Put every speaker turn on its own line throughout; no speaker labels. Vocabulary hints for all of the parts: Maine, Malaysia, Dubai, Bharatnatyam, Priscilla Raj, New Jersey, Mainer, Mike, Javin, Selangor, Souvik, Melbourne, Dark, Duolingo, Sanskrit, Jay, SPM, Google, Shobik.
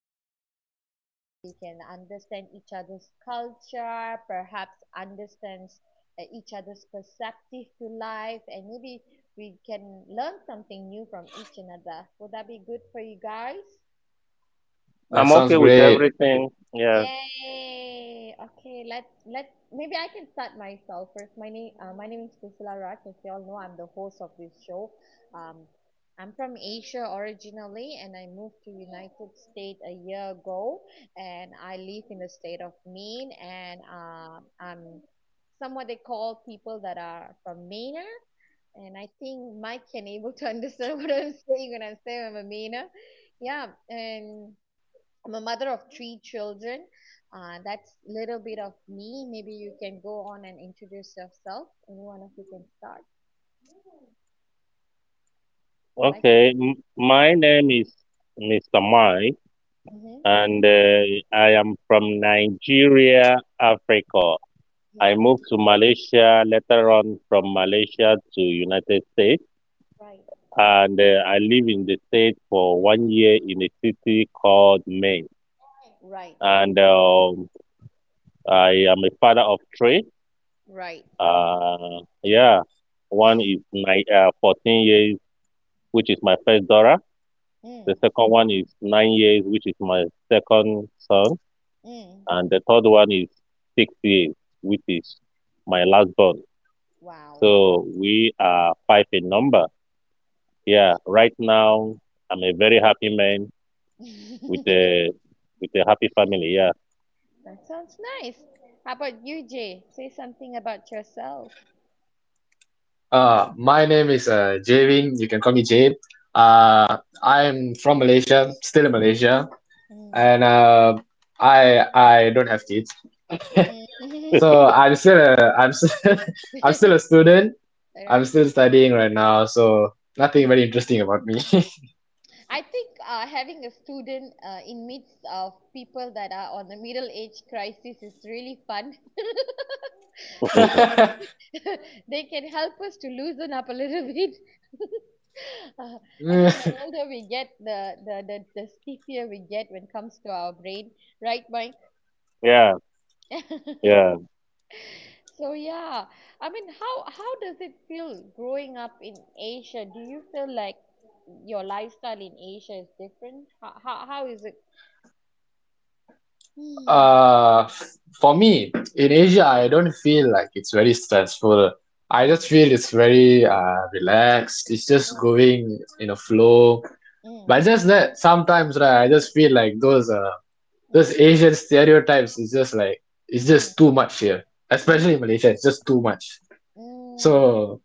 comes to life. Maybe we can understand each other's culture, perhaps understands each other's perspective to life, and maybe we can learn something new from each another. Would that be good for you guys?
That
I'm
sounds
okay with
great.
everything. Yeah,
Yay! Okay, let's maybe I can start myself first. My name is Priscilla Raj. As you all know, I'm the host of this show. Um, I'm from Asia originally, and I moved to United States a year ago. And I live in the state of Maine, and I'm somewhat they call people that are from Mainer. And I think Mike can able to understand what I'm saying when I say I'm a Mainer. Yeah, and I'm a mother of three children. That's a little bit of me. Maybe you can go on and introduce yourself. Any one of you can start. Right?
okay. My name is Mr. Mike,
Mm-hmm.
and I am from Nigeria, Africa. I
Mm.
moved to Malaysia later on from Malaysia to United States,
Right.
and I live in the state for one year in a city called Maine.
Right.
And I am a father of three.
Right.
Yeah. One is nine, 14 years, which is my first daughter.
Mm.
The second one is 9 years, which is my second son.
Mm.
And the third one is 6 years, which is my last born.
Wow.
So we are five in number. Yeah, right now I'm a
Mhm.
very happy man with a with a happy family. Yeah,
That sounds nice. How about you, Jay? Say something about yourself.
My name is Javin. You can call me Jabe. Uh, I'm from Malaysia, still in Malaysia,
Mm.
and I don't have kids,
Mm.
so I'm I'm still a student. I'm
Right.
still studying right now, so
Hmm.
nothing very interesting about me.
I think having a student in midst of people that are on the middle age crisis is really fun. They can they can help us to loosen up a little bit. uh, I think the older we get, the stiffer we get when it comes to our brain, right, Mike?
yeah, yeah.
So yeah, I mean, how does it feel growing up in Asia? Do you feel like your lifestyle in Asia is different? How is it?
Uh, for me, in Asia, I don't feel like it's very stressful. I
Mm,
just feel it's very relaxed. It's just
mm,
going in a flow.
mm,
But just that sometimes, right, I just feel like those
mm,
Asian stereotypes is just like it's
mm,
just too much here, especially
mm,
in Malaysia. It's just too much.
mm.
So,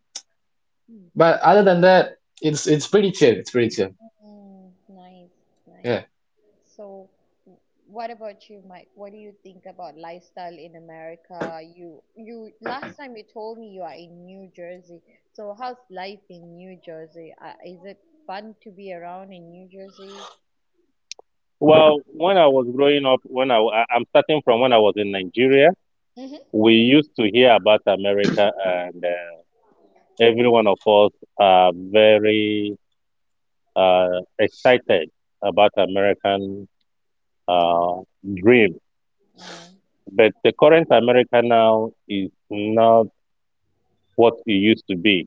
Mm.
but other than that, it's pretty chill. It's pretty chill.
Mm. Nice, nice.
Yeah.
So, w- what about you, Mike? What do you think about lifestyle in America? Last time you told me you are in New Jersey. So, how's life in New Jersey? Is it fun to be around in New Jersey?
Well, when I was growing up, I'm starting from when I was in Nigeria,
Mm-hmm.
we used to hear about America, and every one of us are very excited about American uh, dream.
Mm,
But the current America now is not what it used to be.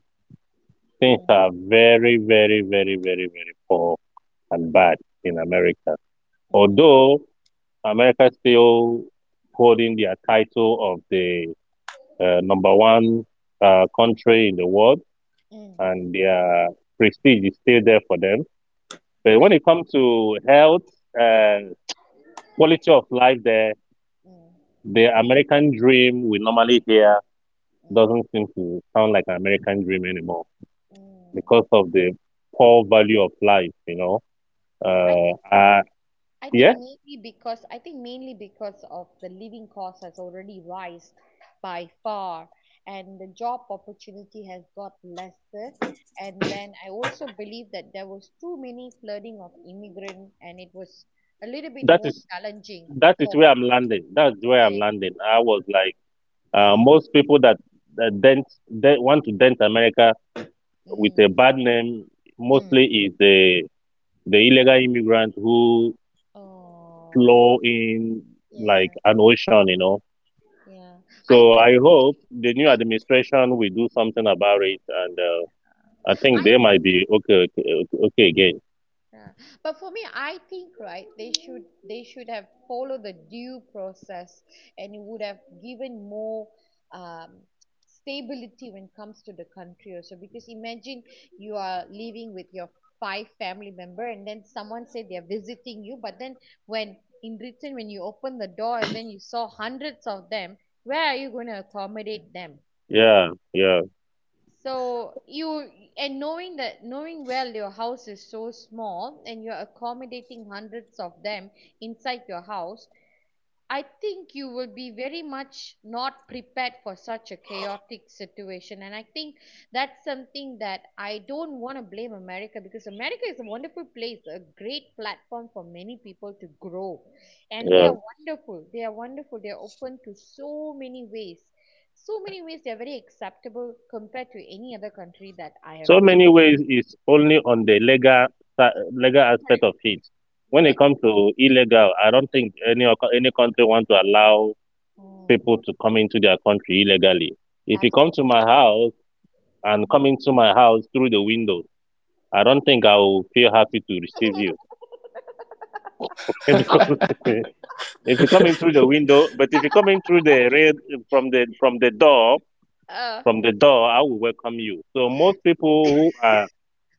Things
mm,
are very, very, very, very, very poor and bad in America.
mm,
Although America still holding their title of the number one country in the world,
mm.
and their prestige is still there for them. But when
Right.
it comes to health and quality of life there,
Mm,
the American dream we normally hear
mm,
doesn't seem to sound like an American dream anymore
mm.
because of the poor value of life.
I
Uh,
think
uh
I think
yeah,
mainly because of the living cost has already rise by far, and the job opportunity has got lesser, and then I also believe that there was too many flooding of immigrant and it was a little bit
that
more
is
challenging
that is
for
where I'm landing. That's where I'm
yeah.
landing. I was like,
Mm,
most people that dent, that want to dent America with a
mm,
bad name
mm.
mostly is the illegal immigrant who
Oh,
flow in like
yeah,
an ocean.
yeah. I
So
think
I hope the new
I
administration will do something about it, and I think
I
they might be okay, okay, okay, okay again.
yeah. But for me, I think right, they should have followed the due process, and it would have given more um, stability when it comes to the country also. Because imagine you are living with your five family member, and then someone said they are visiting you, but then when in return when you open the door and then you saw hundreds of them, where are you going to accommodate them?
Yeah, yeah,
So you and knowing that knowing well your house is so small and you're accommodating hundreds of them inside your house, I think you will be very much not prepared for such a chaotic situation. And I think that's something that I don't want to blame America, because America is a wonderful place, a great platform for many people to grow. And they
yeah.
are wonderful. They are wonderful. They are open to so many ways. So many ways, they are very acceptable compared to any other country that I have
So
been.
many ways is only on the legal legal aspect of it. When it
Correct.
comes to illegal, I don't think any country want to allow
Mm,
people to come into their country illegally. If you come to my house and
absolutely.
come into my house through the window, I don't think I will feel happy to receive you, because if you come in through the window, but if you come in through the rail from the door,
Uh,
from the door, I will welcome you. So most people who are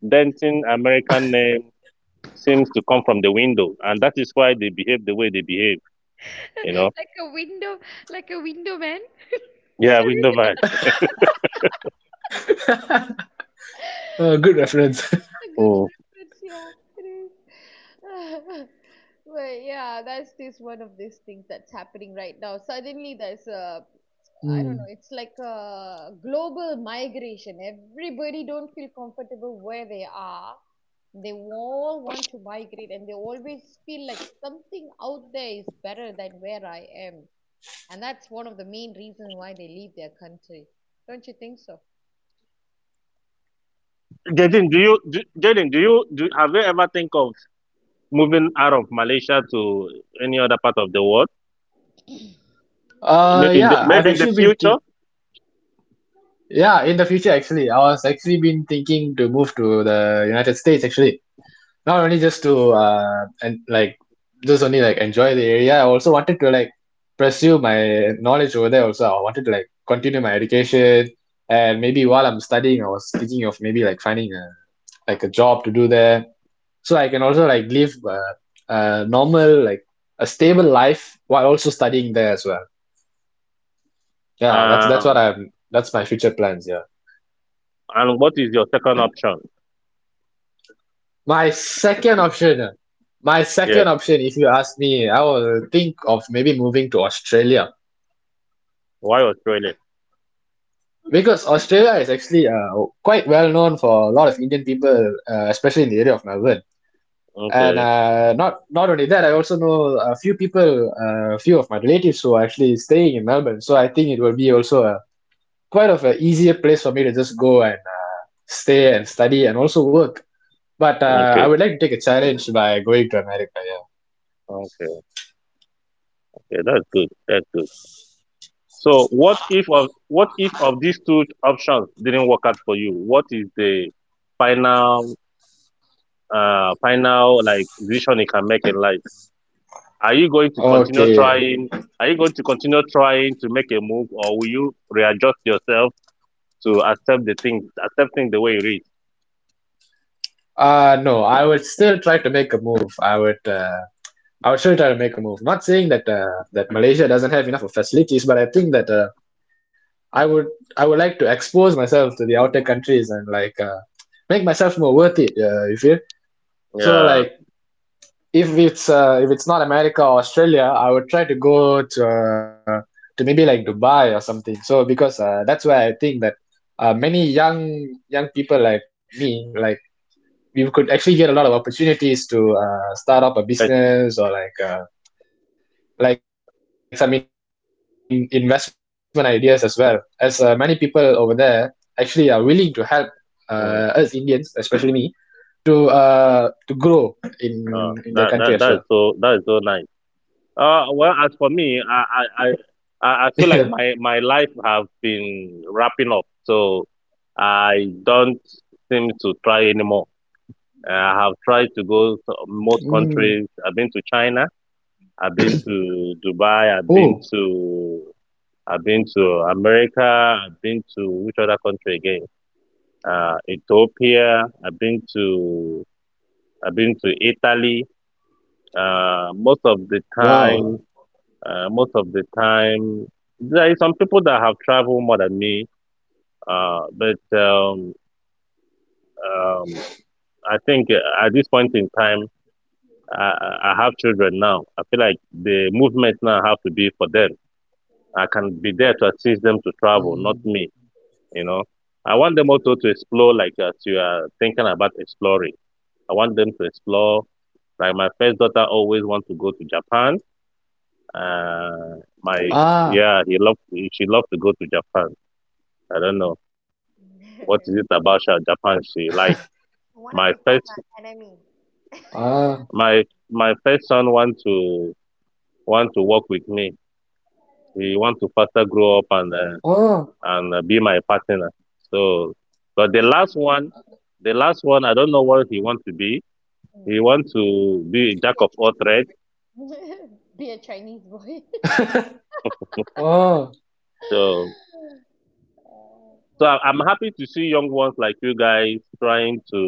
denting American name seems to come from the window, and that is why they behave the way they behave. You know,
like a window, like a window man.
yeah,
So,
window man.
Good
oh,
reference.
a good
Oh,
reference, yeah, it is. But yeah, that's this one of these things that's happening right now. Suddenly, there's a I don't
Mm.
know. It's like a global migration. Everybody don't feel comfortable where they are. They all want to migrate, and they always feel like something out there is better than where I am. And that's one of the main reasons why they leave their country. Don't you think so?
Jaden, have you ever think of moving out of Malaysia to any other part of the world?
Uh, yeah, I've
Maybe in the
actually been
future.
thinking. Yeah, in the future, actually, I was actually been thinking to move to the United States, actually. Not only just to and like just only like enjoy the area, I also wanted to like pursue my knowledge over there also. I wanted to like continue my education, and maybe while I'm studying, I was thinking of maybe like finding a job to do there, so I can also like live a normal, like a stable life while also studying there as well. Yeah, that's what
Um,
I'm that's my future plans, yeah.
and what is your second option?
My second option, ah, my second
Yes,
option, if you ask me, I will think of maybe moving to Australia,
why Australia?
because Australia is actually quite well known for a lot of Indian people, especially in the area of Melbourne. And
Okay,
uh, not only that, I also know a few of my relatives who are actually staying in Melbourne. So I think it will be also a quite of an easier place for me to just go and stay and study and also work. But
okay,
I would like to take a challenge by going to America. Yeah.
okay, okay. That's good. That's good. So, what if of these two options didn't work out for you? What is the final, final like decision you can make in life? Are you going to continue
Okay.
trying? Are you going to continue trying to make a move, or will you readjust yourself to accept the thing, accepting the way it is?
No, I would still try to make a move. I would still try to make a move. Not saying that that Malaysia doesn't have enough of facilities, but I think that I would, I would like to expose myself to the outer countries and like make myself more worth it. You feel? So
Yeah.
like, if it's not America or Australia, I would try to go to maybe like Dubai or something. So, because that's where I think that many young people like me, like you, could actually get a lot of opportunities to start up a
I-
business or like some investment ideas as well. As many people over there actually are willing to help us Indians, especially me,
mm,
to grow in their country as well.
that is so nice. Well, as for me, I, I, I, I I feel like my life have been wrapping up, so I don't seem to try anymore. I have tried to go to most
Mm.
countries. I've been to China. I've been to Dubai. I've been
Oh,
to I've been to America. I've been to which other country again? Ethiopia. I've been to Italy. Most of the time
wow!
Most of the time, there is some people that have traveled more than me, but um, I think at this point in time, I have children now. I feel like the movement now have to be for them. I can be there to assist them to travel, not
Mm.
me. You know, I want them also to explore, like as you are thinking about exploring. I want them to explore. Like my first daughter always wants to go to Japan. My
Ah,
yeah, he loved she loved to go to Japan. I don't know. What
Anyway.
is it about Japan she like?
You want to
My
become
first,
an enemy.
ah.
my my first son want to work with me. He want to faster grow up and uh,
Oh.
and uh, be my partner. So, but the last one, I don't know what he want to be. He
mm
want to be a jack of all trades.
be a Chinese, be a chinese boy.
Oh.
So, so I-
uh
I'm happy to see young ones like you guys trying to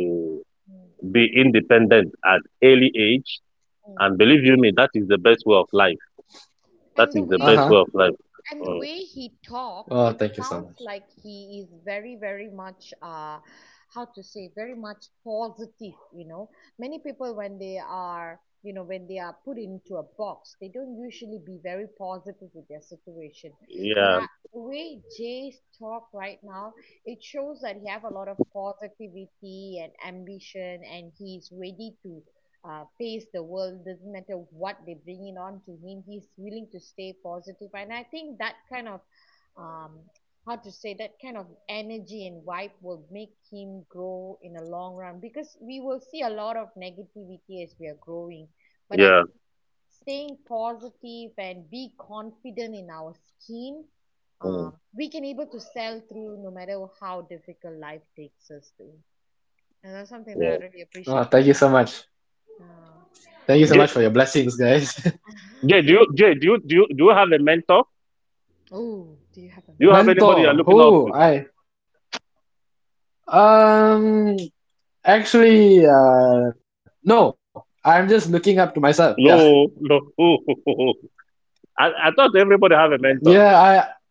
mm
be independent at early age. And
mm
believe you me, that is the best way of
uh huh.
life. That
and the
is the best
way
way of life.
Oh,
And the
thank you
Mm.
way
so much.
he talked, it sounds like he is very, very much, how to say, very much positive. You know, many people you know, when they are, put into a box, they don't usually be very positive with their situation. But
Yeah.
the way Jay's talk right now, it shows that he have a lot of positivity and ambition, and he's ready to face the world, doesn't matter what they bring it on to him. He's willing to stay positive, and I think that kind of um, how to say, that kind of energy and vibe will make him grow in the long run, because we will see a lot of negativity as we are growing, but I
Yeah.
staying positive and be confident in our skin,
Mm.
we can able to sell through no matter how difficult life takes us to. And that's something that
Yeah.
I really appreciate
Oh, thank you
talking.
so much.
uh,
Thank you
Jay,
so much for your blessings, guys.
Jay, do you do you, do you have a mentor?
Oh, do you have a
Do you have
mentor?
anybody you're looking
Mentor,
up to?
who I Um, actually, no. I'm just looking up to myself. Yeah.
No, no. I thought everybody have a mentor.
Yeah. I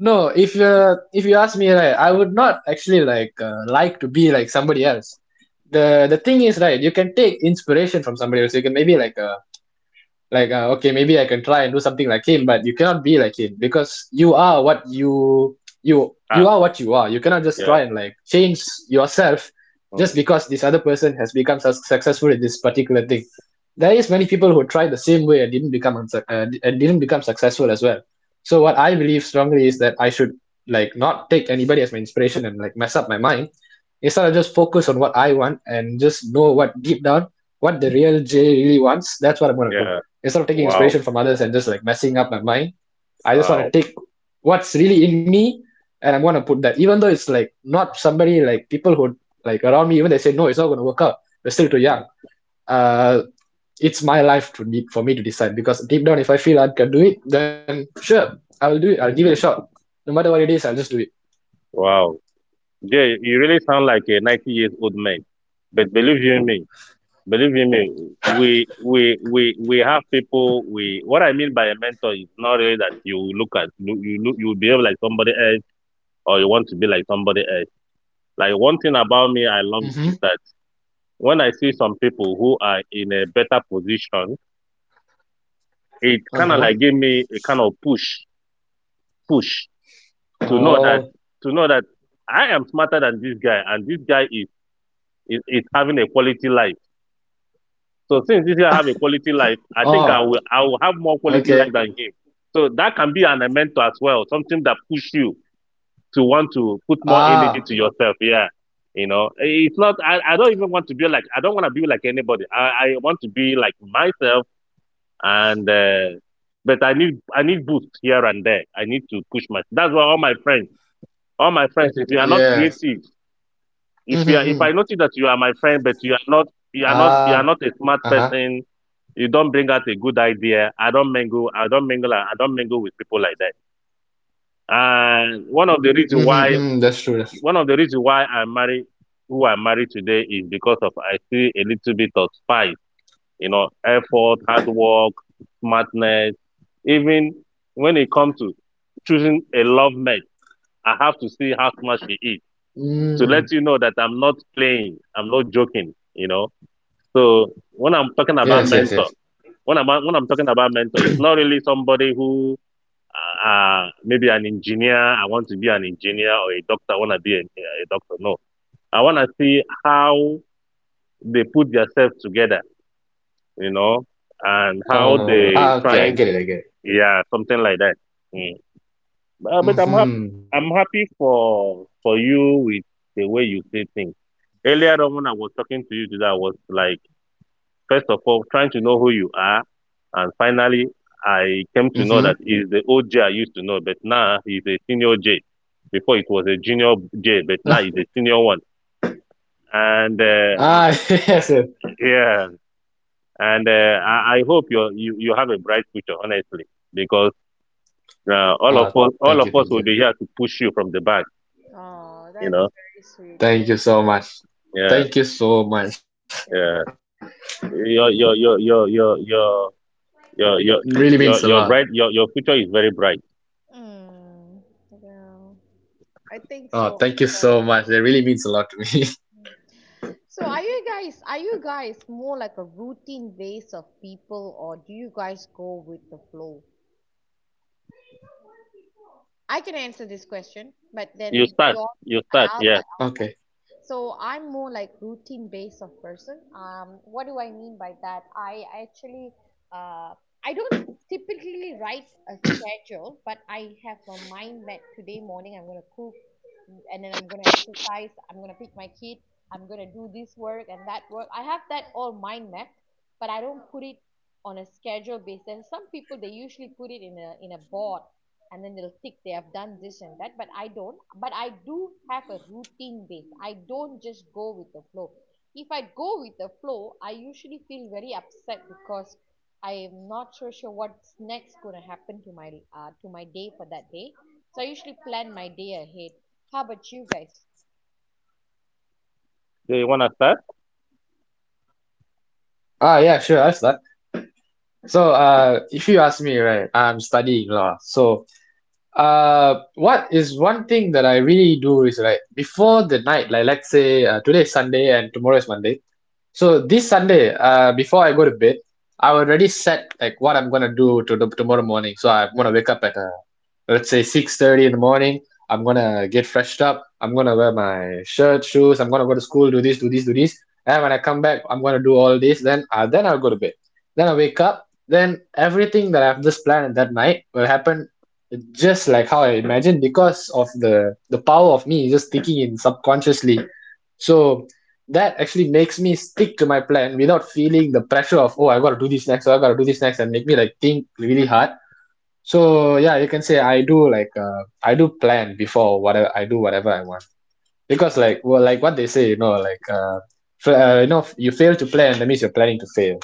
No. If you ask me, right, I would not actually like to be like somebody else. The thing is, right, you can take inspiration from somebody else. You can maybe like okay, maybe I can try and do something like him, but you cannot be like him because you are what you you you
Ah,
are what you are. You cannot just
yeah.
try and like change yourself just
Mhm.
because this other person has become successful in this particular thing. There is many people who tried the same way and didn't become and didn't become successful as well. So what I believe strongly is that I should like not take anybody as my inspiration and like mess up my mind, instead of just focus on what I want and just know what deep down, what the real Jay really wants, that's what I'm gonna do.
Yeah.
Instead of taking
Wow.
inspiration from others and just like messing up my mind, I just
Wow.
wanna take what's really in me, and I'm gonna put that. Even though it's like not somebody like people who like around me, even they say no, it's not gonna work out. You're still too young. Uh it's my life to need for me to decide because deep down if I feel I can do it, then sure, I will do it. I'll give it a shot. No matter what it is, I'll just do it.
Wow. Jay, you really sound like a 90 years old man. But believe you me, we have people, we what I mean by a mentor is not really that you look at you you look you behave like somebody else, or you want to be like somebody else. Like one thing about me I
Mm-hmm.
love is that when I see some people who are in a better position, it
Uh-huh.
kind of like give me a kind of push to know
Oh.
that I am smarter than this guy, and this guy is having a quality life. So since this guy have a quality life, I think I
Oh,
will I will have more quality
okay.
life than him. So that can be an element as well, something that push you to want to put more energy
Ah,
to yourself. Yeah. You know, it's not, I don't even want to be like, I don't want to be like anybody. I want to be like myself, and but I need boost here and there. I need to push myself. That's why all my friends,
yes.
all my friends, if you are not
Mm-hmm.
creative,
Mm.
if I notice that you are my friend,
Ah,
but you are not,
uh-huh.
you are not, you are not a smart person, you don't bring out a good idea. I don't mingle, I don't mingle, I don't mingle with people like that. And
Mm-hmm.
one
Mm,
of the
that's true.
reasons
That's,
why one of the reasons why I marry who I marry today is because of I see a little bit of spice, effort, hard work, smartness. Even when it comes to choosing a love mate, I have to see how smart she is
mm.
to let you know that I'm not playing, I'm not joking. So when I'm talking
Yes,
about
yes, yes.
mentor, when I'm talking about mentor, it's not really somebody who maybe an engineer. I want to be an engineer or a doctor. I want to be a doctor. No, I want to see how they put themselves together, you know, and how
Oh,
they
ah, okay.
trying
I
to,
get it. I get it.
yeah, something like that. Mm. But I'm happy.
Mm-hmm.
I'm happy for you with the way you say things. Earlier on, when I was talking to you today, I was like, first of all, trying to know who you are, and finally, I came
Mm-hmm.
to know that he's the OJ I used to know, but now he's a senior J. Before it was a junior J, but now he's a senior one. And
Ah, yes, yes.
yeah. And I hope you have a bright future, honestly, because all of
Oh,
us all of
thank you,
us will
thank
be
you.
here to push you from the back.
Oh,
You
that's
know,
very sweet. Yeah,
Thank you so much.
yeah,
yeah,
Thank you so much.
yeah.
yeah. Your your your your your your
It really means a
your
lot.
your your future is very bright.
Mm, yeah. I think
Oh,
so as
thank you so
well.
much. It really means a lot to me.
So are you guys more like a routine base of people, or do you guys go with the flow? I can answer this question, but
You
then
start,
your
you
okay,
start.
I'll
Yeah.
start.
Okay.
So I'm more like routine based of person. What do I mean by that? Uh, I don't typically write a schedule, but I have a mind that today morning I'm gonna cook, and then I'm gonna exercise. I'm gonna pick my kid. I'm gonna do this work and that work. I have that all mind mapped, but I don't put it on a schedule basis. Some people, they usually put it in a board, and then they'll tick they have done this and that, but I don't. But I do have a routine base. I don't just go with the flow. If I go with the flow, I usually feel very upset, because I am not so sure what's next going to happen to my day for that day. So I usually plan my day ahead. How about you guys?
Do you wanna start?
Ah, yeah, sure. I'll start. So, if you ask me, right, I'm studying law. So, what is one thing that I really do is, right before the night, like let's say today is Sunday and tomorrow is Monday, so this Sunday, before I go to bed, I already set like what I'm gonna do to the tomorrow morning. So I'm gonna wake up at let's say 6:30 in the morning. I'm gonna get freshed up, I'm gonna wear my shirt, shoes, I'm gonna go to school, do this, do this, do this, and when I come back, I'm gonna do all this, then I'll go to bed. Then I wake up, then everything that I've just planned that night will happen, just like how I imagined, because of the power of me just thinking in subconsciously. So that actually makes me stick to my plan without feeling the pressure of, oh, I gotta do this next or I gotta do this next, and make me like think really hard. So yeah, you can say I do like, I do plan before whatever I do, whatever I want. Because like, well, like what they say, like, if you fail to plan, that means you're planning to fail.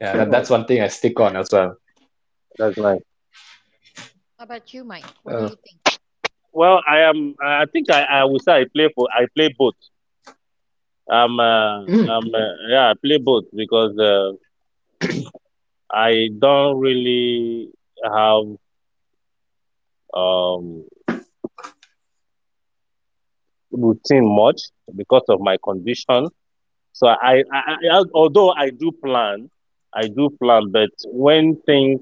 Yeah, that,
mm
that's one thing I stick on as well.
That's nice.
How about you, Mike? What do
uh,
you think?
Well, I am. I think I would say I play for. I play both. Um. Uh,
mm,
um. Uh, yeah, I play both because I don't really have um, routine much because of my condition. So although I do plan, but when things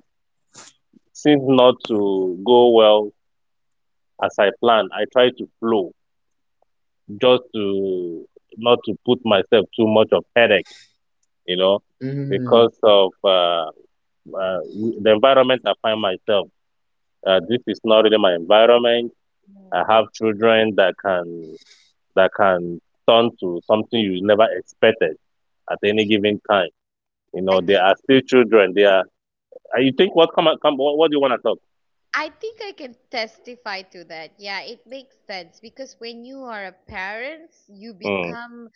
seem not to go well as I plan, I try to flow just to not to put myself too much of headache, you know,
mm,
because of uh, the environment I find myself. This is not really my environment. I
Hmm.
have children that can that can turn to something you never expected at any given time. You
I
know, they are
think
still children. They are. And you think what come? What do you want to talk?
I think I can testify to that. Yeah, it makes sense, because when you are a parent, you become,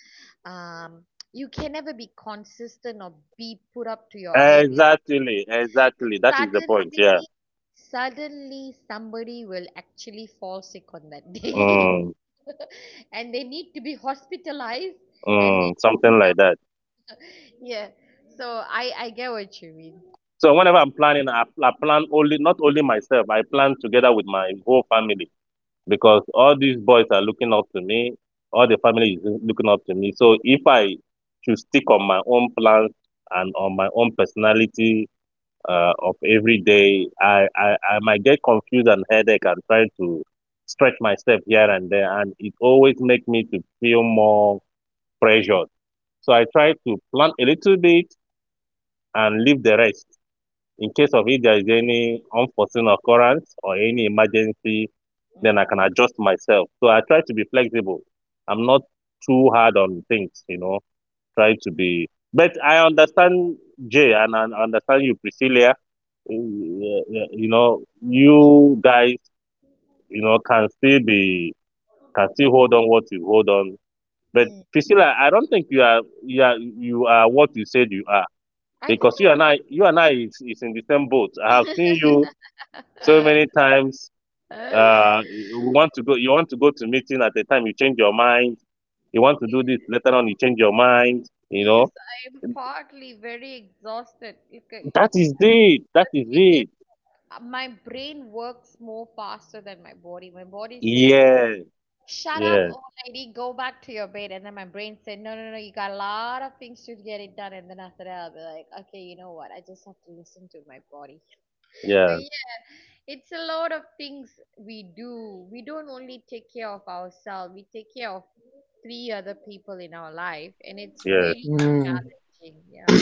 um, you can never be consistent or be put up to your
Mm.
ideas.
Exactly, exactly. That is the point. Yeah.
Suddenly, suddenly, somebody will actually fall sick on that day
Mm,
and they need to be hospitalized. And they,
Something like that.
yeah, so I get what you mean.
So whenever I'm planning, I plan only not only myself. I plan together with my whole family because all these boys are looking up to me. All the family is looking up to me. So if I should stick on my own plans and on my own personality of every day. I might get confused and headache and try to stretch myself here and there. And it always makes me to feel more pressured. So I try to plan a little bit and leave the rest. In case of if there is any unforeseen occurrence or any emergency, then I
Mm.
can adjust myself. So I try to be flexible. I'm not too hard on things, you know, try to be. But I understand Jay and I understand you, Priscilla you know,
Mm.
you guys, you know, can still be can still hold on what you hold on. But
Mm.
Priscilla, I don't think you are what you said you are
I think
because you and I is in the same boat. I have seen you so many times.
I'm...
You want to go to meeting at the time you change your mind. You want to do this later on you change your mind. You
Because
know
I'm partly very exhausted. Look,
that is it. That
the
is
thing is,
it.
my brain works more faster than my body. My body say,
Yeah.
"Shut up,
Yeah.
old lady, go back to your bed," and then my brain said, "No, no, no, you got a lot of things to get it done." And then after that, I'll be like, "Okay, you know what? I just have to listen to my body." But
Yeah.
yeah, it's a lot of things we do. We don't only take care of ourselves; we take care of three other people in our life, and it's
Yeah.
really
mm.
challenging. Yeah.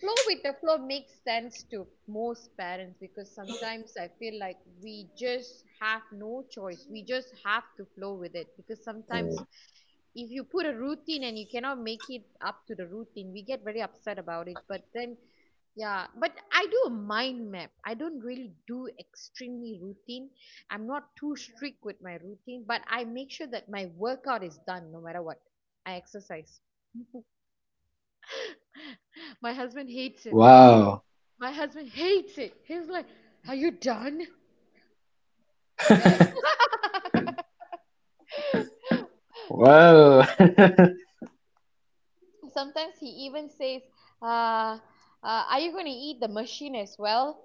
Flow with the flow makes sense to most parents, because sometimes I feel like we just have no choice. We just have to flow with it, because
Mm.
sometimes if you put a routine and you cannot make it up to the routine, we get very upset about it. But then, yeah, but I do a mind map. I don't really do extremely routine. I'm not too strict with my routine, but I make sure that my workout is done no matter what. I exercise. My husband hates it.
Wow.
My husband hates it. He was like, "Are you done?"
Well.
Sometimes he even says, uh, "Are you going to eat the machine as well?"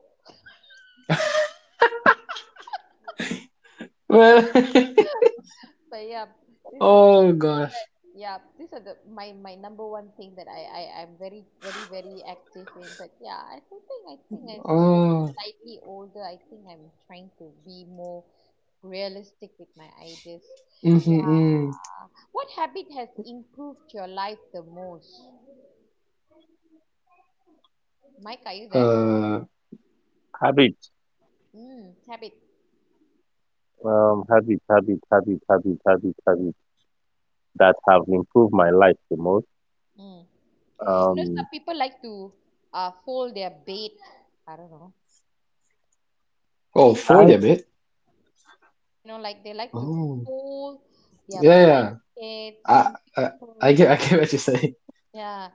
Well.
But yeah, these are...
Oh gosh.
yeah, these are the my number one thing that I am very, very, very active in. But yeah, I think as I'm getting
Oh.
slightly older, I think I'm trying to be more realistic with my ideas.
Mm-hmm, mm.
Yeah, what habit has improved your life the most? Mike, are you there?
uh
Habit.
Mm, tap it.
Habits that have improved my life the most.
Mm. You know,
Um,
some people like to fold their bed. I don't know. What do
oh,
you think?
fold
I
a bit.
You know, like they like to
Oh,
fold their
yeah, yeah.
blanket.
I
Some
I,
people, yeah,
I get what you say.
yeah.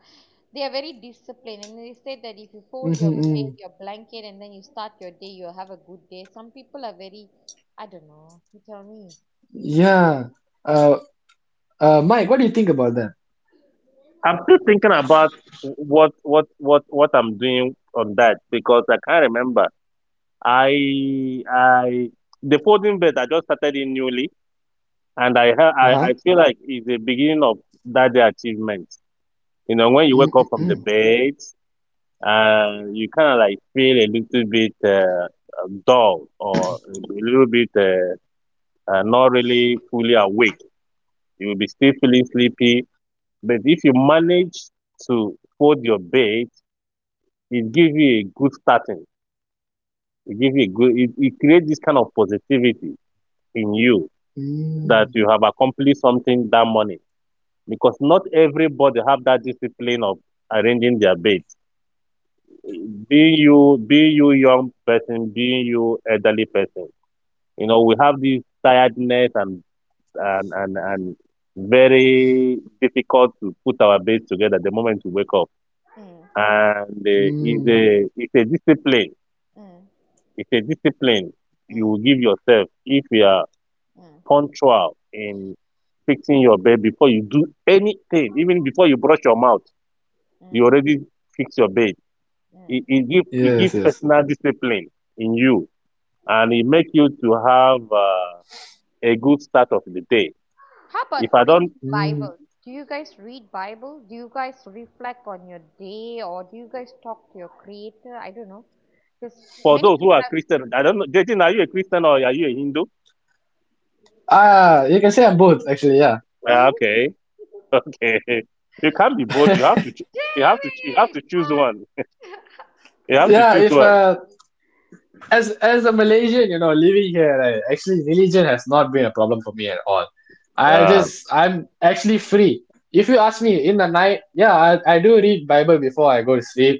They are very disciplined, and they say that if you fold your
Mm-hmm. Mm.
your blanket, and then you start your day, you'll have a good day. Some people are very, I don't know. You tell me.
Yeah. Uh, Mike, what do you think about that?
I'm still thinking about what I'm doing on that because I can't remember. I the folding bed I just started in newly, and I ha-
Uh-huh.
I feel like it's the beginning of that day achievement. You know, when you wake up from
Mm-mm-mm.
the bed, you kind of like feel a little bit dull or a little bit. Not really fully awake. You will be still feeling sleepy. But if you manage to fold your bed, it gives you a good starting. It gives you a good, it creates this kind of positivity in you that
Mm,
you have accomplished something that morning. Because not everybody have that discipline of arranging their bed. Being you young person, being you elderly person, you know, we have this tiredness and and very difficult to put our bed together the moment we wake up.
Mm,
And
mm.
it's a discipline.
mm,
It's a discipline you
mm,
will give yourself if you are
mm,
punctual in fixing your bed before you do anything, even before you brush your mouth, you
mm,
already fix your bed.
mm,
It, it give
Yes, yes.
personal discipline in
mm.
you, and it make you to have a good start of the day.
How
If
about
I don't
reading Bible?
Mm.
Do you guys read Bible? Do you guys reflect on your day or do you guys talk to your creator? I don't know. Because
For
many
those who
people
are
have
Christian, I don't know. Jatin, are you a Christian or are you a Hindu?
Ah, you can say I'm both, actually, yeah.
Ah, okay, okay. You can't be both. You have to. Cho- you have to. You have to
David!
choose
What?
one. You have to
Yeah,
choose
if
one.
as as a Malaysian, living here, actually religion has not been a problem for me at all.
Mm,
Ah,
I'm actually free. If you ask me in the night, yeah, I do read Bible before I go to sleep,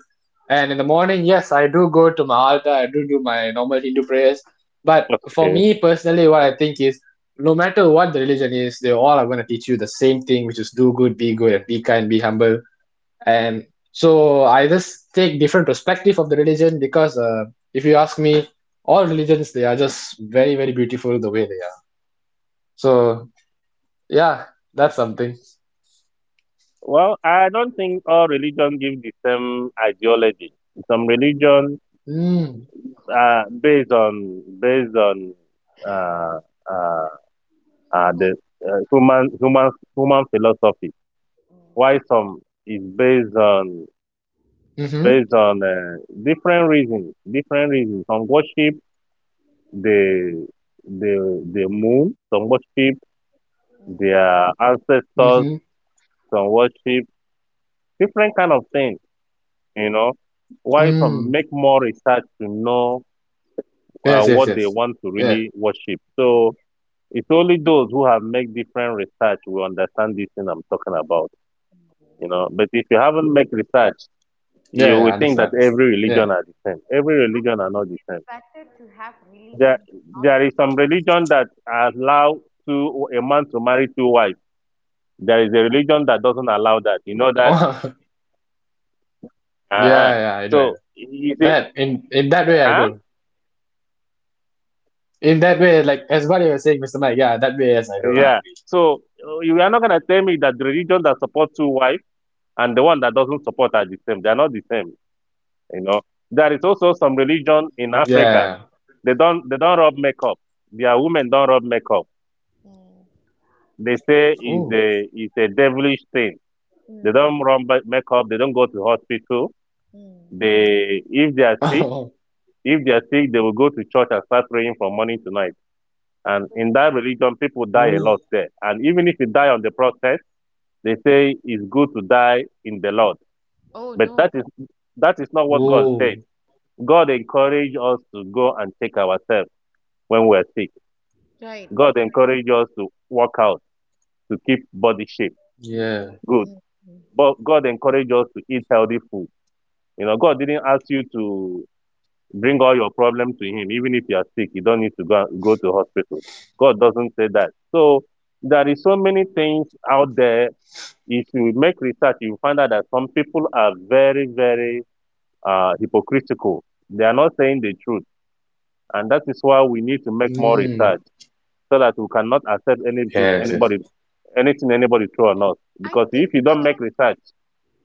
and in the morning, yes, I do go to my altar. I do do my normal Hindu prayers. But for
okay.
me personally, what I think is, no matter what the religion is, they all are going to teach you the same thing, which is do good, be good, and be kind, be humble, and so I just take different perspective of the religion, because if you ask me, all religions, they are just very, very beautiful the way they are. So yeah, that's something.
Well, I don't think all religion give the same ideology. Some religion
Mm,
contra-
based on based on uh, uh,
go
the human human human philosophy. Why some is
mm-hmm,
based on based on uh, different reasons. Different reasons. Some worship the the
mm-hmm,
the moon. Some worship their ancestors. Some worship
mm.
different kind of things. You know, while some
Yes,
make
yes,
more
yes.
research to
Yeah,
know what they want to really worship. So it's only those who have made different research will understand this thing I'm talking about. You know, but if you haven't made
yeah, yeah.
research,
Understand, understand. Yeah.
you will think that every religion are the same. Every religion are not the same.
Better to have
There,
religion not
there
to.
is some religion that allow two a man to marry two wives. There is a religion that doesn't allow that. You know that?
Oh, yeah,
Uh-huh.
yeah. i do i
So
do
you say,
that in that way. I
huh?
do. In that way, like as what you were saying, Mr. Mike. Yeah, that way. Yes, I do.
Yeah. So you are not gonna tell me that the religion that supports two wives and the one that doesn't support are the same. They are not the same. You know. There is also some religion in Africa.
Yeah, yeah, yeah.
They don't rub makeup. Their women don't rub makeup.
Mm,
They say it's a
Oh.
it's a devilish thing. They
mm,
don't rub ma- makeup. They don't go to hospital.
mm.
They, if they are sick,
Oh.
if they are sick, they will go to church and start praying from morning to night. And in that religion, people die a lot there.
Ooh.
And even if you die on the process, they say it's good to die in the Lord.
Oh
But
no,
that is not what God said.
Ooh.
God encouraged us to go and check ourselves when we're sick.
right.
God encouraged us to work out, to keep body shape.
Mm,
Good.
mm,
Yeah.
mm.
But God encouraged us to eat healthy food. You know, God didn't ask you to bring all your problems to Him. Even if you are sick, you don't need to go to hospital. God doesn't say that. So there is so many things out there. If you make research, you find out that some people are very, very hypocritical. They are not saying the truth. And that is why we need to make more research
Mm,
so that we cannot accept
yes, yes.
anything anybody throw on us.
I
Because
think
if you don't make research,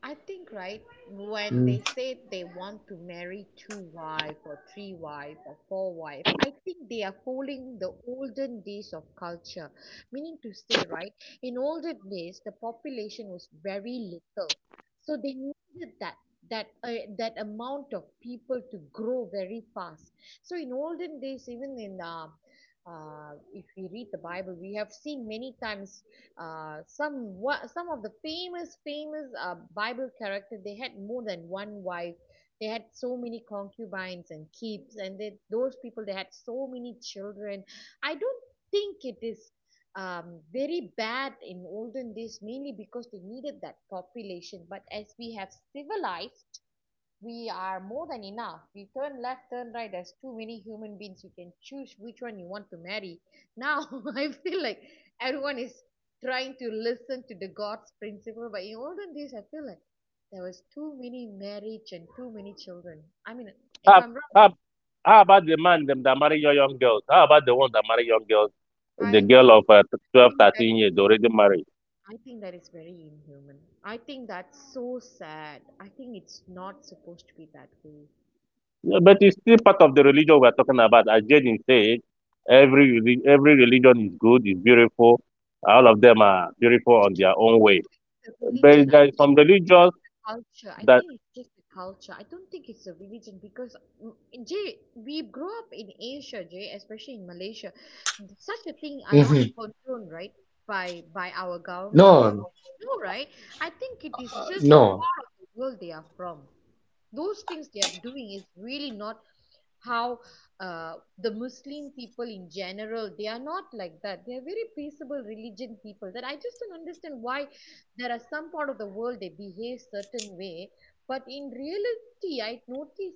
I think right, when they
Mm.
say they want to marry two wife or three wife or four wife, I think they are following the olden days of culture. Meaning to say, right, in olden days the population was very little, so they needed that that amount of people to grow very fast. So in olden days, even in if we read the Bible, we have seen many times, some, what some of the famous Bible characters, they had more than one wife. They had so many concubines and keeps, and they, those people, they had so many children. I don't think it is, very bad in olden days, mainly because they needed that population. But as we have civilized, we are more than enough. You turn left, turn right. There's too many human beings. You can choose which one you want to marry. Now, I feel like everyone is trying to listen to the God's principle. But in olden days, I feel like there was too many marriage and too many children. I mean, if
how,
I'm wrong,
how, how about the man them that marry your young girls? How about the ones that marry young girls? The
I think
girl of 12,
think that is,
13 years already married.
I think that is very inhuman. I think that's so sad. I think it's not supposed to be that way.
Yeah, but it's still part of the religion we're talking about. As Jaden said, every religion is good, is beautiful. All of them are beautiful
I
on
don't
their
think
own way.
so it's a religion.
But
I
there is
think
some
it's just
religions
the culture I
that,
think it's just the culture I don't think it's a religion because, mm, Jay, we grew up in Asia, Jay, especially in Malaysia, such a thing are not
Hmm.
condoned, right, by our government,
No,
no, right? I think it is just the
no.
part of the world they are from. Those things they are doing is really not how, the muslim people in general, they are not like that. They are very peaceable religion people, that I just don't understand why there are some part of the world they behave certain way, but in reality I notice,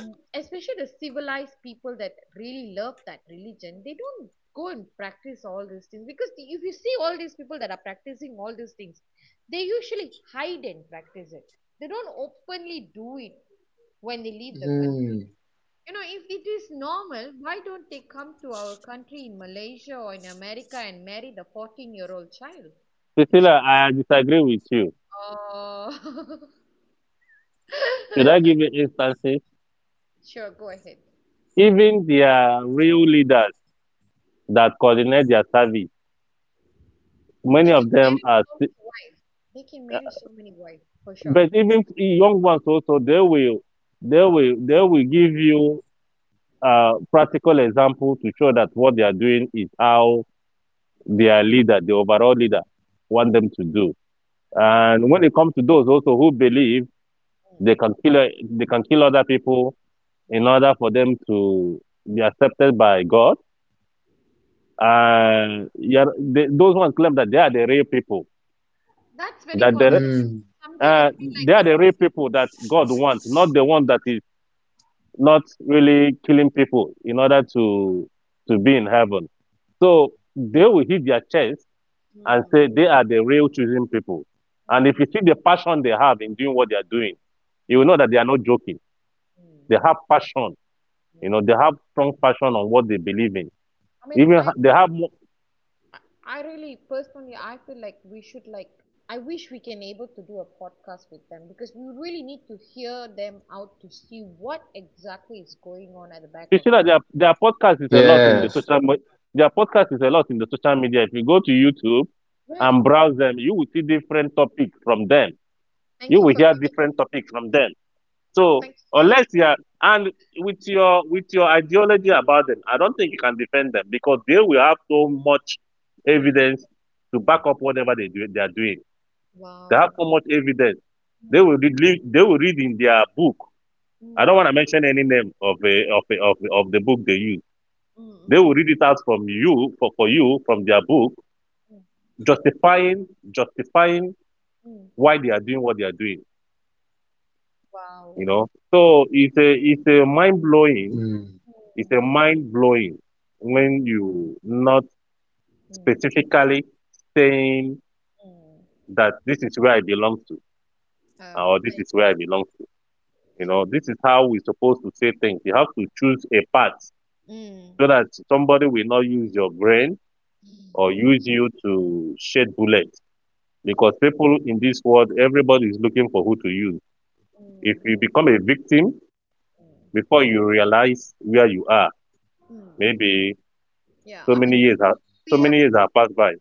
especially the civilized people that really love that religion, they don't go and practice all these things because if you see all these people that are practicing all these things, they usually hide and practice it. They don't openly do it when they leave the country.
Mm,
You know, if it is normal, why don't they come to our country in Malaysia or in America and marry the 14-year-old child? It's.
Priscilla, I disagree with you.
Oh.
Should I give you instances?
Sure, go ahead.
Even their real leaders that coordinate their service, many
They can
of them
marry
are,
so
sti-
many wives. They can marry so many wives, for sure.
but even young ones also, they will give you practical example to show that what they are doing is how their
Right.
leader, the overall leader, want them to do.
Mm,
And when it comes to those also who believe
mm,
they can kill other people in
mm.
order for them to be accepted by God, yeah, they, those ones claim that they are the real people,
That's very
that
controversial.
mm,
Someday I feel like
they are
I
the
need.
real people that God wants, not the one that is not really killing people in order to be in heaven. So they will hit their chest and
Mm,
say they are the real choosing people. And if
mm,
you see the passion they have in doing what they are doing, you will
mm,
know that they are not joking.
mm,
They have passion. You know,
mm.
they have strong passion on what they believe in.
I mean,
Even
I
ha- they
really
have, mo-
I really personally I feel like we should like, I wish we can able to do a podcast with them because we really need to hear them out to see what exactly is going on at the back
you see
of their,
that their podcast is a lot in the
yes.
social, me- their podcast is a lot in the social media. If you go to YouTube
right.
and browse them, you will see different topics from them. You
Thank you
will
for
hear
giving
different topics from them. So
Thank
unless you are and with your ideology about them, I don't think you can defend them because they will have so much
you.
evidence to back
Mm.
up whatever they are doing. They have
Wow.
so much evidence.
Mm,
They will read in their book.
mm,
I don't
mm,
want to mention any name of of the book they use. They
mm,
will read it out from you for you from their book,
mm,
justifying
mm, mm.
why they are doing what they are doing.
Wow.
You know, so it's a mind blowing.
Mm.
It's
Mm,
a mind blowing when
mm,
you not
mm,
specifically saying
mm.
that this is where I belong to
Um,
or this
I,
is where I belong to. You know,
true.
this is how we're supposed to say things. You have to choose a path
Mm.
so that somebody will not use your brain or
Mm.
use you to shed bullets.
Makes
Because
sense.
people in this world, everybody is looking for who to use. If
Mm,
you become a victim before
mm,
you realize where you are,
mm.
maybe
Yeah,
so
I
many
mean,
years have so
we
many
have
years have passed by.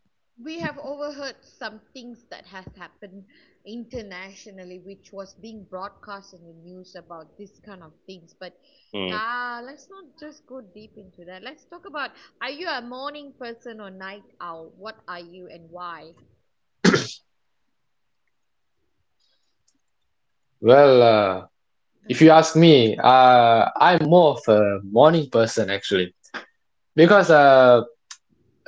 we have overheard some things that has happened internationally, which was being broadcast in the news about this kind of things. But
Mm.
yeah, let's not just go deep into that. Let's talk about, are you a morning person or night owl? What are you and why?
Well, if you
Uh-huh.
ask me, I'm more of a morning person, actually,
Oh.
because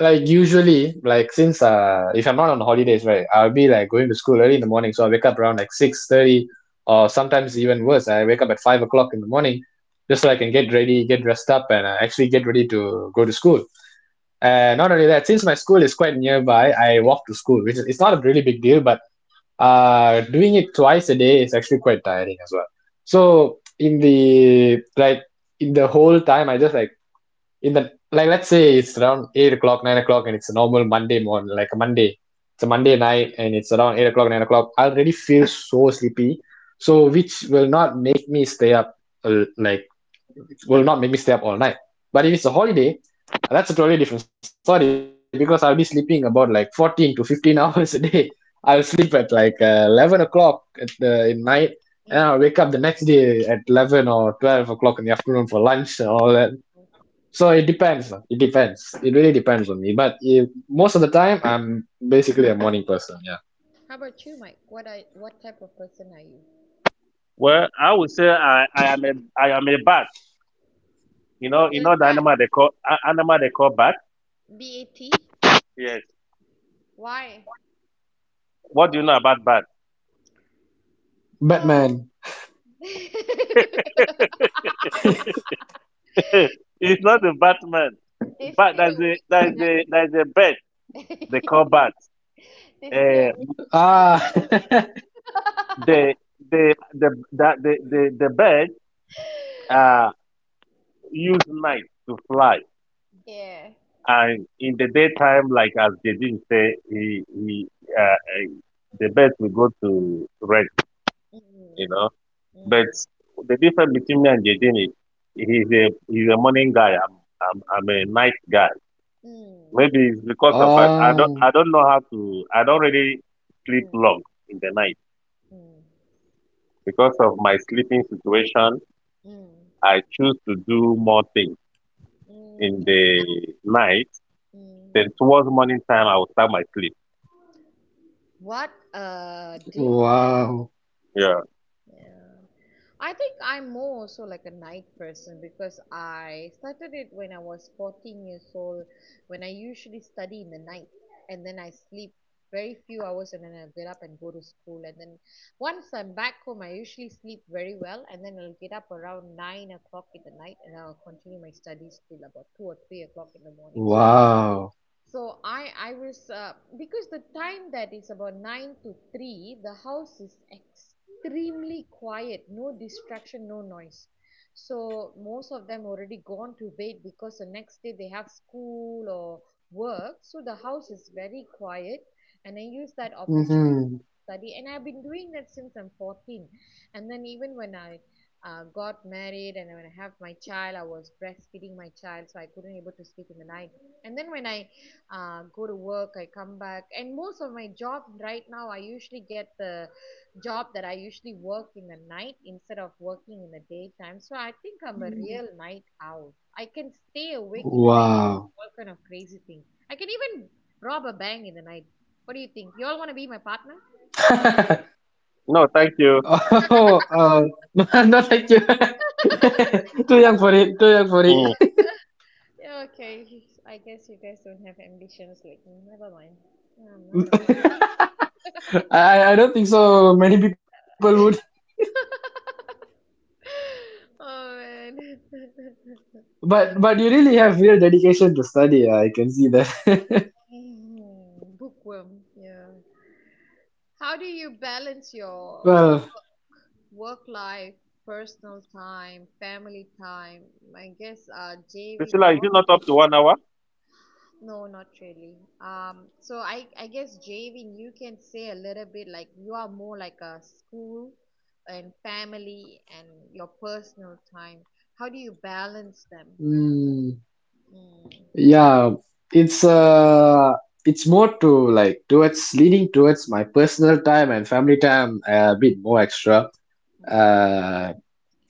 like usually, like since if I'm not on holidays, right, I'll be like going to school early in the morning, so I wake up around like 6:30, or sometimes even worse, I wake up at 5 o'clock in the morning, just so I can get ready, get dressed up, and actually get ready to go to school. And not only that, since my school is quite nearby, I walk to school, which is it's not a really big deal, but doing it twice a day is actually quite tiring as well. So, in the whole time, I just like in the like let's say it's around 8 o'clock, 9 o'clock, and it's a normal Monday morning, like a Monday. It's a Monday night, and it's around 8 o'clock, 9 o'clock. I already feel so sleepy, so which will not make me stay up, like will not make me stay up all night. But if it's a holiday, that's a totally different story because I'll be sleeping about like 14 to 15 hours a day. I'll sleep at like 11 o'clock at the in night, and
Mm.
I'll wake up the next day at 11 or 12 o'clock in the afternoon for lunch and all that. So it depends. It depends. It really depends on me. But if, most of the time, I'm basically a morning person. Yeah.
How about you, Mike? What type of person are you?
Well, I would say I am a bat. You
You're a
know the
bat?
animal they call a- animal they call bat.
BAT?
Yes.
Why?
What do you know about bat?
Oh.
Batman.
This,
it's not a Batman.
they
Bat
stay awake
There's a bird
the
they call
night.
bat.
They stay
Uh,
awake at night.
Ah.
the the that the bird uh use night to fly,
Yeah.
and in the daytime, like as Jedin say, he uh, uh, the bird will go to rest. You know.
Mm
But
mm
the difference between me and Jaden is he's a morning guy. I'm a night guy.
mm
Maybe it's because of I
Oh.
don't know how to I don't really sleep
mm
long in the night.
mm mm
Because of my sleeping situation,
mm mm
I choose to do more things
mm
in the night.
mm.
Then towards morning time I will start my sleep.
What a difference.
Wow.
Yeah.
Yeah, I think I'm more also like a night person because I started it when I was 14 years old, when I usually study in the night and then I sleep very few hours and then I'll get up and go to school. And then once I'm back home, I usually sleep very well and then I'll get up around 9 o'clock in the night and I'll continue my studies till about 2 or 3 o'clock in the morning. So
Wow.
so I I was, because the time that is about nine to three, the house is extremely quiet, no distraction, no noise. So most of them already gone to bed because the next day they have school or work. So the house is very quiet, and I use that opportunity
Hmm.
study, and I've been doing that since I'm 14. And then even when I, got married, and when I have my child, I was breastfeeding my child so I couldn't able to sleep in the night. And then when I, go to work, I come back, and most of my job right now, I usually get the job that I usually work in the night instead of working in the daytime. So I think I'm a real night owl. I can stay awake in the night and do all
Wow.
kind of crazy things. I can even rob a bank in the night. What do you think, you all want to be my partner?
No, thank you.
Oh, no, thank you. Too young for it. Too young for it.
Mm.
Yeah, okay. I guess you guys don't have ambitions like me. Never mind. Yeah, I'm not gonna force you guys.
I don't think so. Many people would.
Oh man.
But you really have real dedication to study. I can see that.
Mm, bookworm. Yeah. How do you balance your
Well,
work life, personal time, family time? I guess, Jave,
Priscilla, is
your,
it not up to 1 hour?
no, not really. So I guess Javin, you can say a little bit like you are more like a school and family and your personal time. How do you balance them?
mm,
Mm,
yeah, it's uh, it's more to like towards leaning towards my personal time and family time a bit more extra.
mm,
Uh,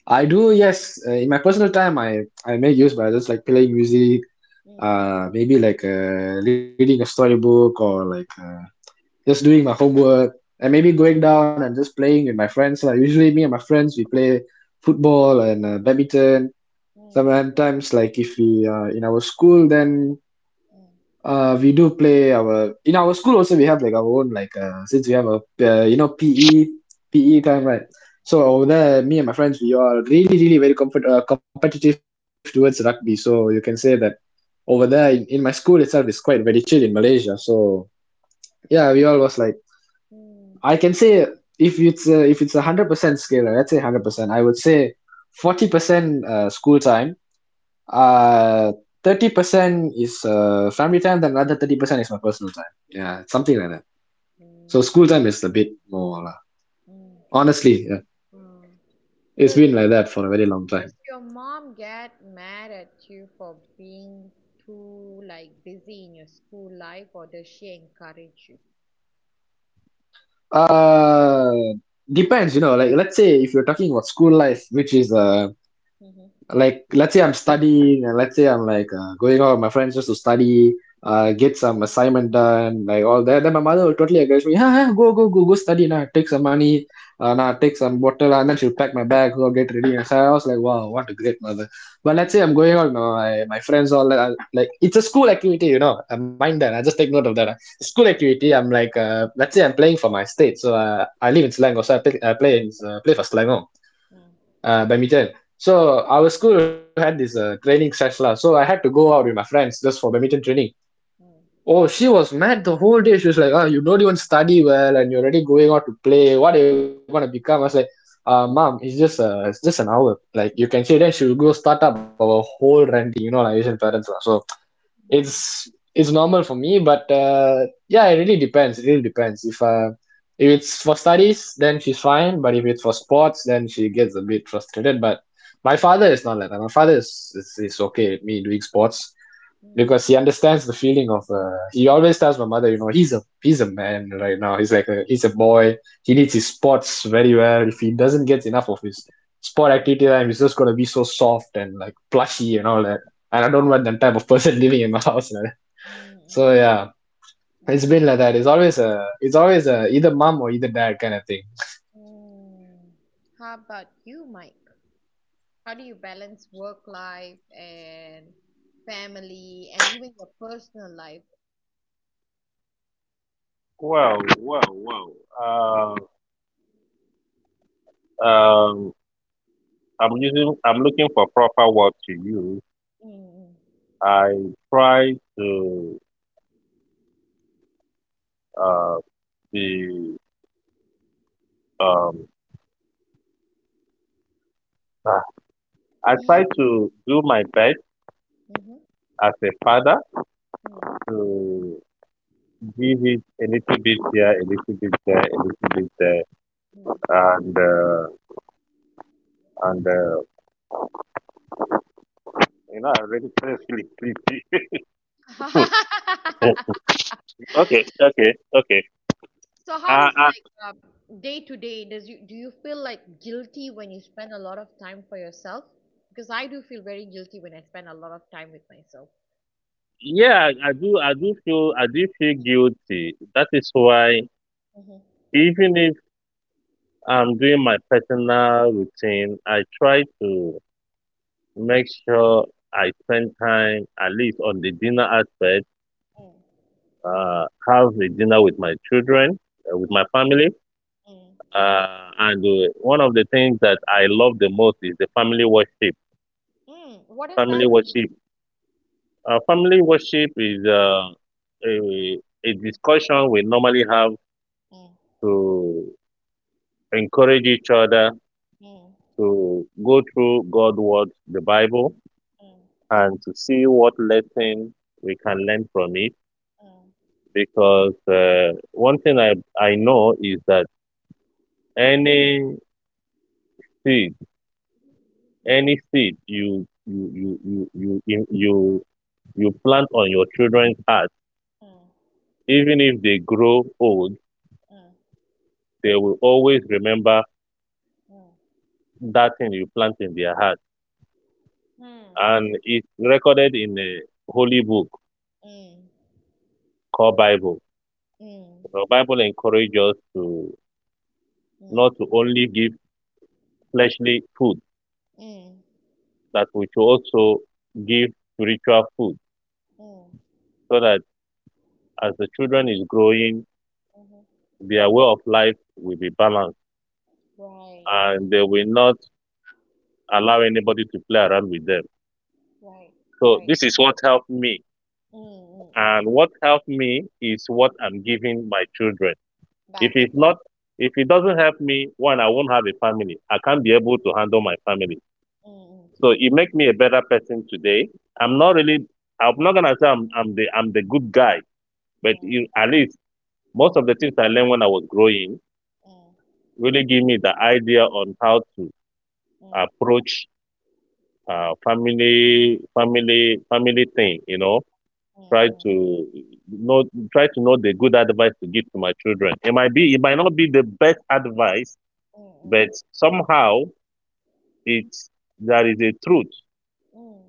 I do, yes. In my personal time, I make use by just like playing music,
mm,
maybe like reading a storybook, or like just doing my homework, and maybe going down and just playing with my friends. Like usually me and my friends, we play football and badminton.
mm,
Sometimes like if we in our school, then we do play our in our school also. We have like our own like since we have a you know, PE
mm,
PE time, right. So
mm,
over there, me and my friends, we are really really very competitive towards rugby. So you can say that over there in my school itself is quite very chill in Malaysia. So yeah, we all was like, I
mm,
can say if it's a, if it's 100% scale, let's say 100%, I would say 40% school time, uh 30% is family time, then another 30% is my personal time. Yeah, it's something like that.
mm,
So
mm,
school time is a bit more lah,
mm,
honestly. Yeah.
mm.
It's
Does,
been like that for a very long time.
does your mom get mad at you for being too like busy in your school life, or does she encourage you?
Uh, depends, you know. Like let's say if you're talking about school life, which is
Mm-hmm.
like let's say I'm studying, and let's say I'm like going out with my friends just to study, get some assignment done, like all that. Then my mother will totally encourage me, ah, ah, go, go, go, go study now, take some money,
Mm,
now take some water, and then she'll pack my bag, go get ready. And so I was like, wow, what a great mother. But let's say I'm going out with my friends, all that, I- like it's a school activity, you know, I mind that. I just take note of that. Uh, school
mm.
activity, I'm like, let's say I'm playing for my state, so I live in Selangor, so I play for Selangor
Mm,
badminton. So our school had this training session, lah, so I had to go out with my friends just for badminton training.
mm,
Oh, she was mad the whole day. She was like, ah, you don't even study well and you're already going out to play, what are you going to become. I was like, mom, it's just an hour, like you can see. Then she will go start up our whole ranting, you know, like Asian parents lah. So
mm,
it's normal for me, but yeah, it really depends. It really depends if it's for studies, then she's fine, but if it's for sports then she gets a bit frustrated. But my
mm, mm,
father is not like that. My father is okay with me doing sports
mm,
because he understands the feeling of he always tells my mother, you know, he's a man right now, he's like a, he's a boy, he needs his sports very well. If he doesn't get enough of his sport activity time, he's just gonna be so soft and like plushy and all that, and I don't want that type of person living in my house like that.
mm,
So
mm,
yeah, it's been
mm,
like that. It's always a, it's always a either mom or either dad kind of thing.
mm. How about you, Mike? How do you balance work life and family and even your personal life?
Wow, wow, wow. Uh, um I'm looking for proper word to use.
Mm-hmm.
I try to uh, be um, uh, I try to do my best
Mm-hmm.
as a father to give it a little bit here, a little bit there, a little bit there,
Mm-hmm.
and uh, and you know I already feel sleepy. okay, okay, okay.
So how
Uh,
is
uh,
like, um, day to day? Does you, do you feel like guilty when you spend a lot of time for yourself? Because I do feel very guilty when I spend a lot of time with myself.
yeah, I do. I do feel guilty. That is why even if I'm doing my personal routine, I try to make sure I spend time at least on the dinner aspect,
Mm-hmm.
have a dinner with my children, with my family.
Mm,
And One of the things that I love the most is the family worship.
mm. What does that
Family
mean?
worship. Family worship is a, a discussion we normally have
Mm,
to encourage each other
mm,
to go through God's word, the Bible,
mm,
and to see what lesson we can learn from it,
mm,
because one thing I know is that any seed, any seed you you you you you you you, you plant on your children's heart,
mm,
even if they grow old,
mm,
they will always remember that thing you plant in their heart,
mm, mm, mm,
and it's recorded in a holy book
mm,
called Bible.
mm,
The Bible encourages us to not to only give fleshly food,
mm, mm,
that we should also give spiritual food,
mm,
so that as the children is growing,
mhm.
their way of life will be balanced
Right,
and they will not allow anybody to play around with them.
right,
So
right.
this is what helped me.
Mm, mm, mm.
And what helped me is what
Mm.
I'm giving my children. If
Back
it's
again.
not, if it doesn't help me, one, I won't have a family. I can't be able to handle my family.
Mm, mm,
So it makes me a better person today. I'm
mm,
not really, I'm not gonna say I'm the good guy, but
mm,
you, at least most of
mm,
the things I learned when I was growing
mm,
really give me the idea on how to
mm, mm, mm,
approach family thing, you know. Try
mm,
to know, try to know the good advice to give to my children. It might be it might not be the best advice,
mm, mm, mm,
but somehow it's there is a truth
mm,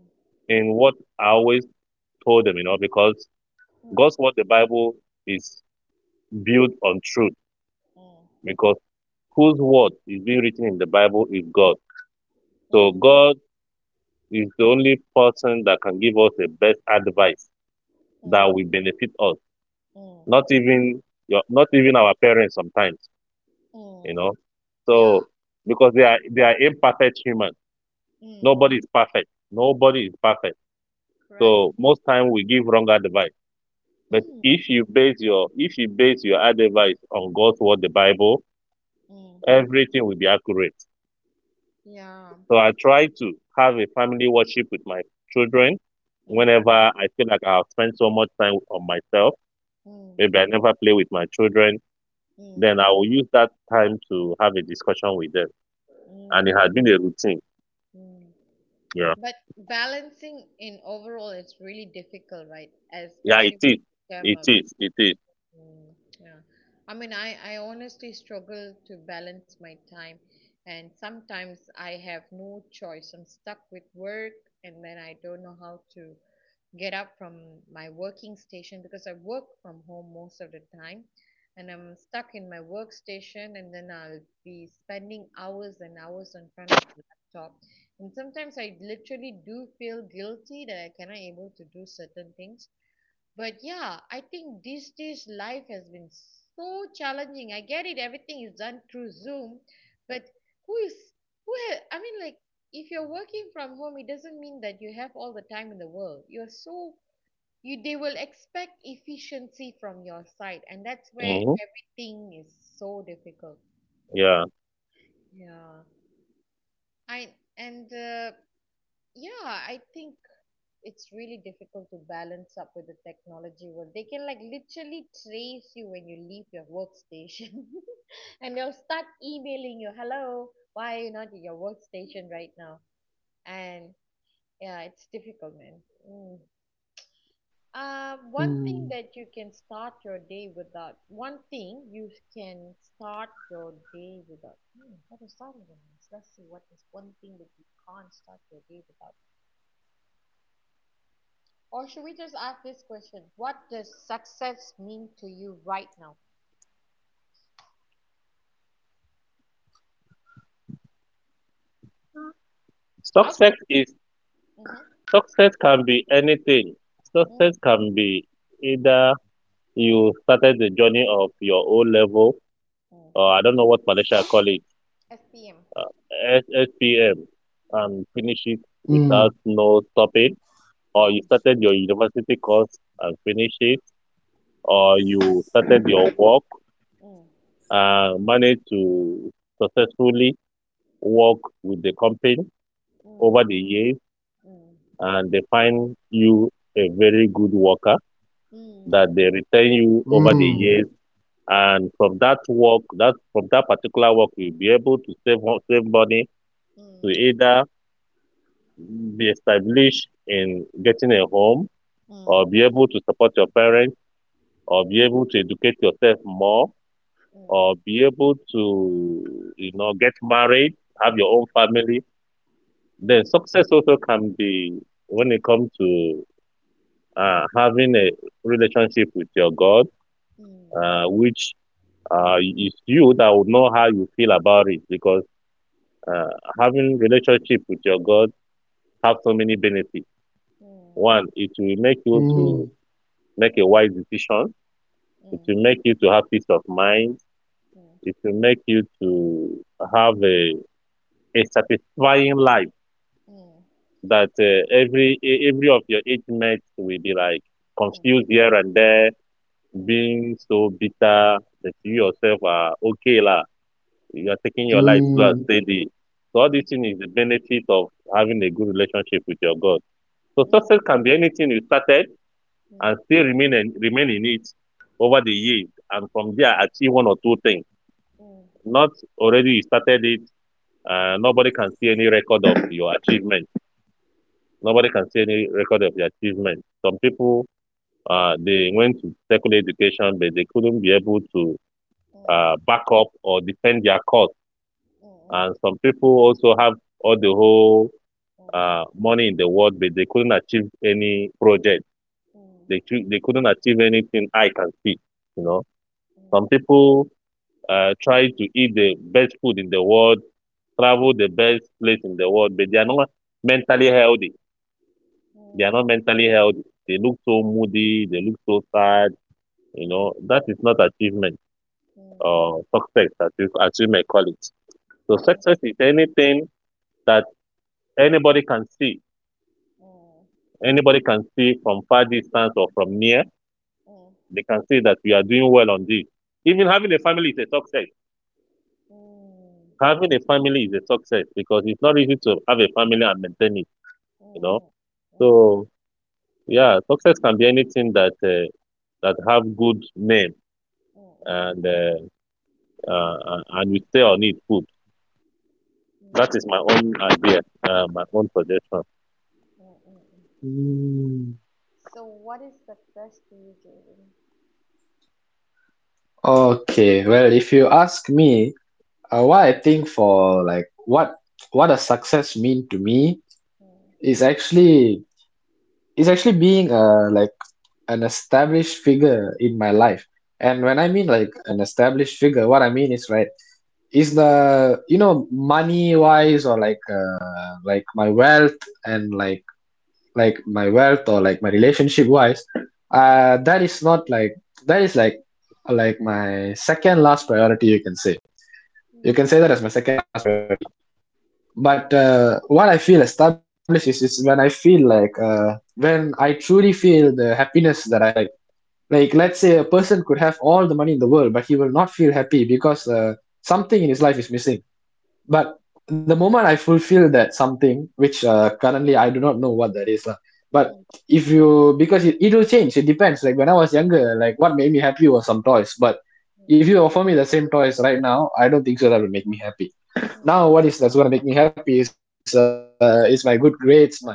in what I always told them, you know, because God's word, the Bible, is built on truth, because whose word is being written in the Bible is God. So
mm,
God is the only person that can give us the best advice that
mm,
will benefit us.
mm,
Not even your not even our parents sometimes, you
mm.
know. So
Yeah.
because they are, they are imperfect humans. Nobody
Mm.
is perfect, nobody is perfect.
Correct.
So most time we give wrong advice, but
Mm,
if you base your advice on God's word, the Bible,
mm,
everything will be accurate.
Yeah,
So I
that's
try to have a family worship with my children
mm,
whenever I feel like I've spent so much time on myself.
mm,
Maybe I never play with my children,
mm,
then I will use that time to have a discussion with them. And it
mm,
had been a routine.
mm.
Yeah.
But balancing in overall, it's really difficult, right?
Yeah, it
Especially
is.
with them
It
up.
is. It is.
Mm, yeah. I mean, I honestly struggle to balance my time, and sometimes I have no choice. I'm stuck with work, and then I don't know how to get up from my working station because I work from home most of the time and I'm stuck in my workstation and then I'll be spending hours and hours in front of the laptop. And sometimes I literally do feel guilty that I cannot able to do certain things. But yeah, I think these days life has been so challenging. I get it, everything is done through Zoom, but who is, I mean like, if you're working from home, it doesn't mean that you have all the time in the world. You're so, you, they will expect efficiency from your side, and that's where
Mm-hmm.
everything is so difficult.
Yeah.
Yeah. I and Yeah, I think it's really difficult to balance up with the technology world. They can like literally trace you when you leave your workstation, and they'll start emailing you, "Hello, why are you not at your workstation right now?" And yeah, it's difficult, man. Mm. One thing
Mm,
that you can start your day without. One thing you can start your day without. Hmm, what is starting with? Let's see what is one thing that you can't start your day without. Or should we just ask this question? What does success mean to you right now? I can.
Success is
Mm-hmm,
Success can be anything.
mm,
Success can be either you started the journey of your O level,
mm,
or I don't know what Malaysia call it,
SPM.
uh, SSPM,
Mm,
and finish it without
mm,
no stopping, or you
mm,
started your university course and finish it, or you started your work
mm,
and managed to successfully work with the company
mm,
over the years
mm, mm,
and they find you a very good worker
mm, mm,
that they retain you over the years,
mm,
mm,
and from that work, that from that particular work you'll be able to save money to
mm,
either be established in getting a home,
mm, mm, mm,
or be able to support your parents, or be able to educate yourself more, or be able to, you know, get married, have your own family. Then success also can be when it comes to having a relationship with your God,
mm,
which is you that would know how you feel about it, because uh, having relationship with your God have so many benefits.
mm, mm.
One, it will make you to
mm,
make a wise decision. It
mm,
will make you to have peace of mind.
mm.
It will make you to have a satisfying life,
嗯
that every of your age mates will be like
嗯
confused here and there,
嗯
being so bitter, that you yourself are okay lah. You are taking your life slow and
mm,
steady. So all
嗯
this thing is the benefit of having a good relationship with your God. So
嗯
success can be anything you started
嗯嗯
and still remain and remain in it over the years, and from there achieve one or two things.
嗯嗯
Not already you started it. Nobody can see any record of your achievement. Nobody can see any record of your achievement. Some people, they went to secondary education, but they couldn't be able to
嗯 嗯
backup or defend their cause. And some people also have all the whole
嗯
money in the world, but they couldn't achieve any project.
嗯嗯嗯 嗯
They couldn't achieve anything I can see. You know,
嗯
some
嗯
people try to eat the best food in the world, travel the best place in the world, but they are not mentally healthy. They are not mentally healthy. They look so moody. They look so sad. You know, that is not achievement
嗯嗯
or success, as you may call it. So
嗯
success is anything that anybody can see. Anybody can see from far distance or from near.
嗯嗯
They can see that we are doing well on this. Even having a family is a success.
嗯
Having a family is a success, because it's not easy to have a family and maintain it. You know. So yeah, success can be anything that that have good name
嗯嗯
and uh, and we stay on it. Good. That is my own idea, my own suggestion.
嗯嗯
mm.
So what is the best to you, Jaden?
Okay, well, if you ask me, what I think for like what does success mean to me
Hmm
is actually being like an established figure in my life. And
hmm
when I mean like an established figure, what I mean is right is the you know money wise, or like my wealth, and like my wealth, or like my relationship wise, that is not like that is like my second last priority, you can say.
hmm
You can say that as my second last priority. But what I feel established is when I feel like when I truly feel the happiness that I have, like let's say a person could have all the money in the world but he will not feel happy because something in his life is missing. But the moment I fulfill that something, which currently I do not know what that is lah. But
hmm
if you because it will change. It depends, like when I was younger, like what made me happy was some toys. But if you offer me the same toys right now, I don't think so that will make me happy.
hmm
Now what is that's going to make me happy is my good grades, my results,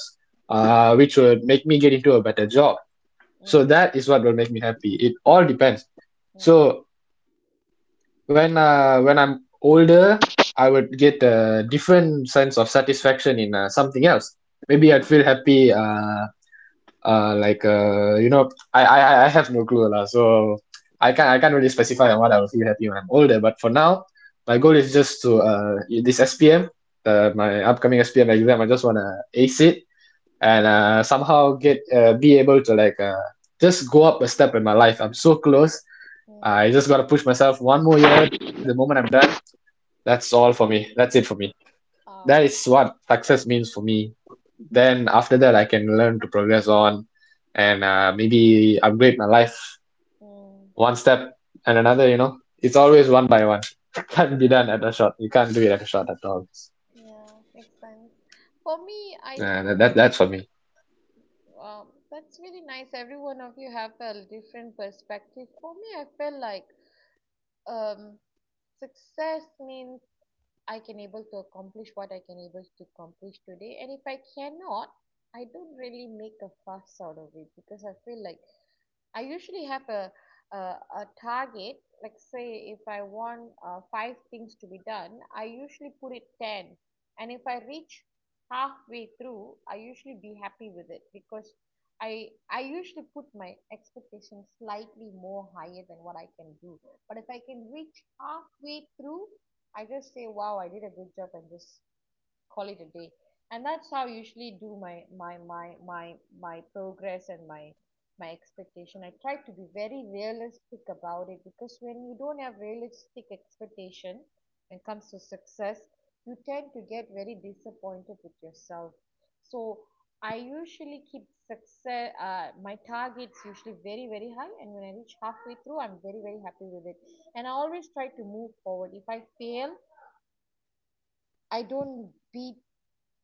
which
hmm hmm
would make me get into a better job. So that is what will make me happy. It all depends.
hmm
So
hmm
when I'm older, I would get a different sense of satisfaction in something else. Maybe I'd
hmm
feel happy you know, I have no clue lah. So
hmm
I can't really specify on what I will feel happy when I'm older, but for now my
ah
goal is just to this SPM, my upcoming SPM exam, I just wanna ace it, and
hmm
somehow get be able to like just go up a step in my life. I'm so close.
hmm
I just gotta push myself one more year. The moment I'm done, that's all for me, that's it for me.
ah
That is what success means for me. Then after that, I can learn to progress on, and maybe upgrade my life one step and another, you know. It's always one by one. Can't
hmm.
be done at a shot. You can't do it at a shot at all.
Yeah, makes sense. For me, I,
That's for me.
that's really nice. Every one of you have a different perspective. For me, I feel like um, success means I can able to accomplish what I can able to accomplish today, and if I cannot, I don't really make a fuss out of it because I feel like I usually have a, a target. Like say, if I want five things to be done, I usually put it ten. And if I reach halfway through, I usually be happy with it because I usually put my expectations slightly more higher than what I can do. But if I can reach halfway through, I just say, "Wow, I did a good job," and just call it a day, and that's how I usually do my progress and my expectation. I try to be very realistic about it, because when you don't have realistic expectation when it comes to success, you tend to get very disappointed with yourself. So I usually keep success, my targets, usually very very high, and when I reach halfway through I'm very very happy with it. And I always try to move forward. If I fail, I don't beat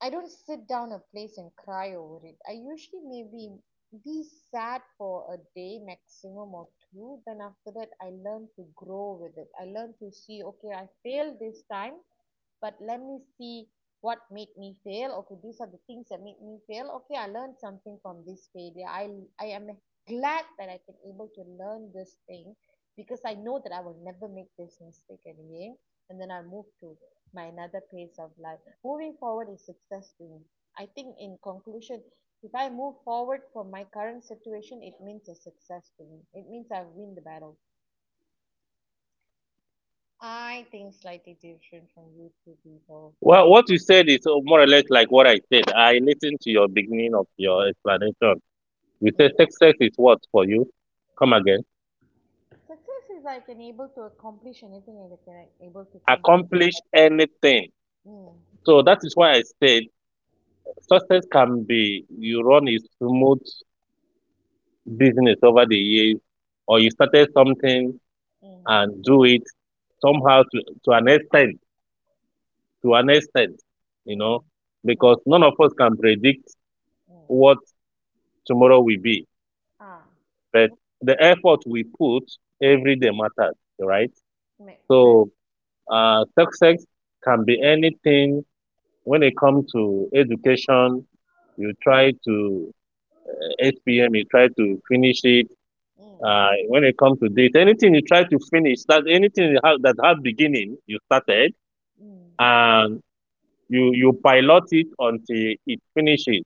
I don't sit down a place and cry over it. I usually maybe be sad for a day maximum or two. Then after that, I learn to grow with it. I learn to see, okay, I failed this time, but let me see what made me fail. Okay, these are the things that made me fail. Okay, I learned something from this failure. I am glad that I can able to learn this thing, because I know that I will never make this mistake again. And then I move to my another pace of life. Moving forward is success to me. I think, in conclusion, if I move forward from my current situation, it means a success to me. It means I've win the battle. I think slightly different from you two people. I
Well, what you said is more or less like what I said. I listened to your beginning of your explanation. You say
mm.
success is what for you? Come again.
Success is like an able to accomplish anything and they can like able to complete.
Accomplish anything.
Mm,
So that is why I said success can be you run a smooth business over the years, or you
mm,
started something
mm,
and do it
mm,
somehow to, to an extent, you know,
mm,
because
mm,
none of us can predict
mm.
what tomorrow will be.
Ah,
But
that
the effort we put every day matters, right?
makes sense.
So success can be anything. When it
Mm,
comes to education, you try to 8 p.m. You try to finish it.
mm,
When it comes to this, anything you try to finish, that anything that have beginning, you
mm,
started
mm,
and you pilot it until it finishes.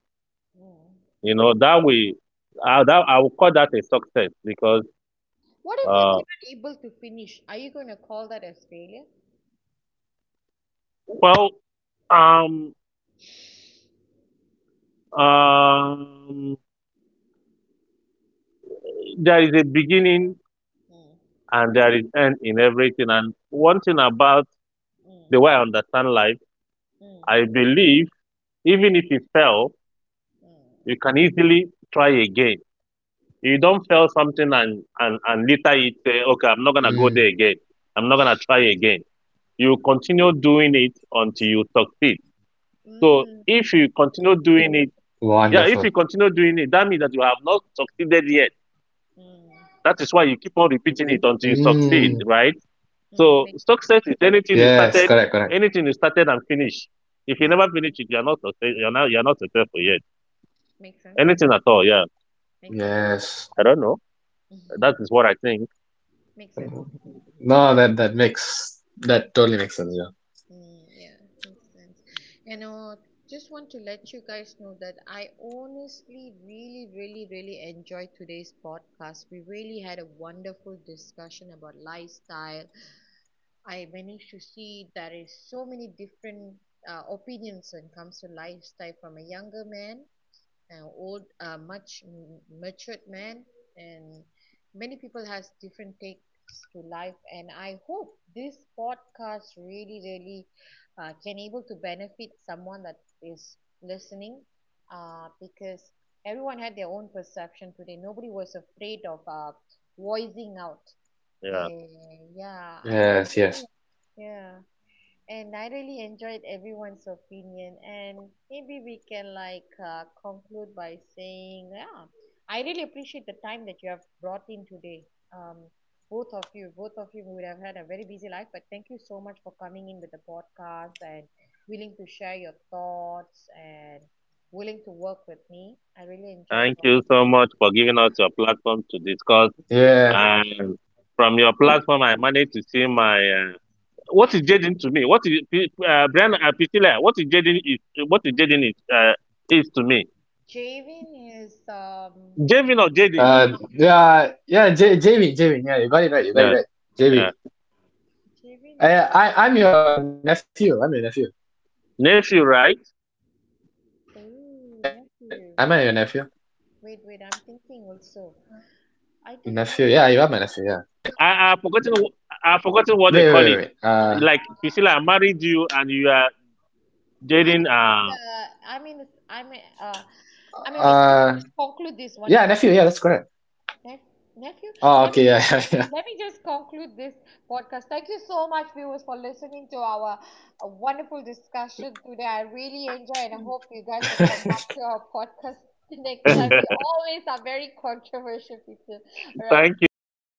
mm.
You know that way. I will call that a success, because
What if you
uh,
cannot able to finish? Are you going to call that as failure? Mm,
something about
mm,
the way I understand life.
mm,
I believe even if you fail,
mm,
you can easily try again. You don't fail something and, later you say, okay, I'm not going to
Mm,
go there again. I'm not going to try again. You continue doing it until you succeed. So
mm,
if
mm,
you continue doing it,
wonderful.
yeah, if you continue doing it, that means that you have not succeeded yet.
mm,
That is why you keep on repeating it until you
Mm,
succeed, right?
mm.
So
Make,
success is
yes, correct, correct.
anything you started and finish. If you
mm,
never finish it, you're not, you're not successful yet.
makes sense.
Anything at all, yeah.
Makes sense.
Yes.
I don't know.
Mm.
That is what I think.
Makes sense.
No, that that makes that totally makes sense. Yeah.
Mm, yeah, makes sense. You know, just want to let you guys know that I honestly really, really, really enjoyed today's podcast. We really had a wonderful discussion about lifestyle. I managed to see there is so many different opinions when it comes to lifestyle, from a younger man, now old, much matured man, and many people has different takes to life. And I hope this podcast really really can able to benefit someone that is listening, because everyone had their own perception today. Nobody was afraid of voicing out.
Yeah.
Eh, yeah, and I
Yes, yes,
yeah and I really enjoyed everyone's opinion. And maybe we can like conclude by saying, yeah, I really appreciate the time that you have brought in today. Um, Both of you, both of you would have had a very busy life, but thank you so much for coming in with the podcast and willing to share your thoughts and willing to work with me. I really enjoyed
Thank
talking.
you so much for giving us your platform to discuss.
yes.
And from your platform, I managed to see my. What is jading to me? Brian, Priscilla? What is jading is? What is jading is to me?
Javin is um,
Jading or jading?
Yeah, yeah, J Javin, Javin, yeah, you got it right, you got it
Yeah,
right,
yeah.
Javin.
Javin
I'm your nephew. I'm your nephew. Wait,
is
Nephew,
am I your
right?
nephew?
nephew, nephew.
Nephew,
Wait,
yeah,
wait,
you are
I'm
my nephew.
thinking
Yeah.
also.
Wait,
I don't know.
wait, wait, wait. Wait.
I forgotten what they call it.
No,
Like Priscilla, I married you and you are dating.
I mean, it's-
Uh,
I mean, wait.
yeah,
Let me
nephew.
just
Yeah, that's
conclude
correct.
this one more,
Oh, okay, yeah,
nephew.
yeah,
Let me just Let me just conclude this podcast. Thank you so much, viewers, for listening to our wonderful discussion today. I really enjoy, and I hope you
yeah.
guys will come back to our podcast next time. We always are very controversial people. All right.
Thank you.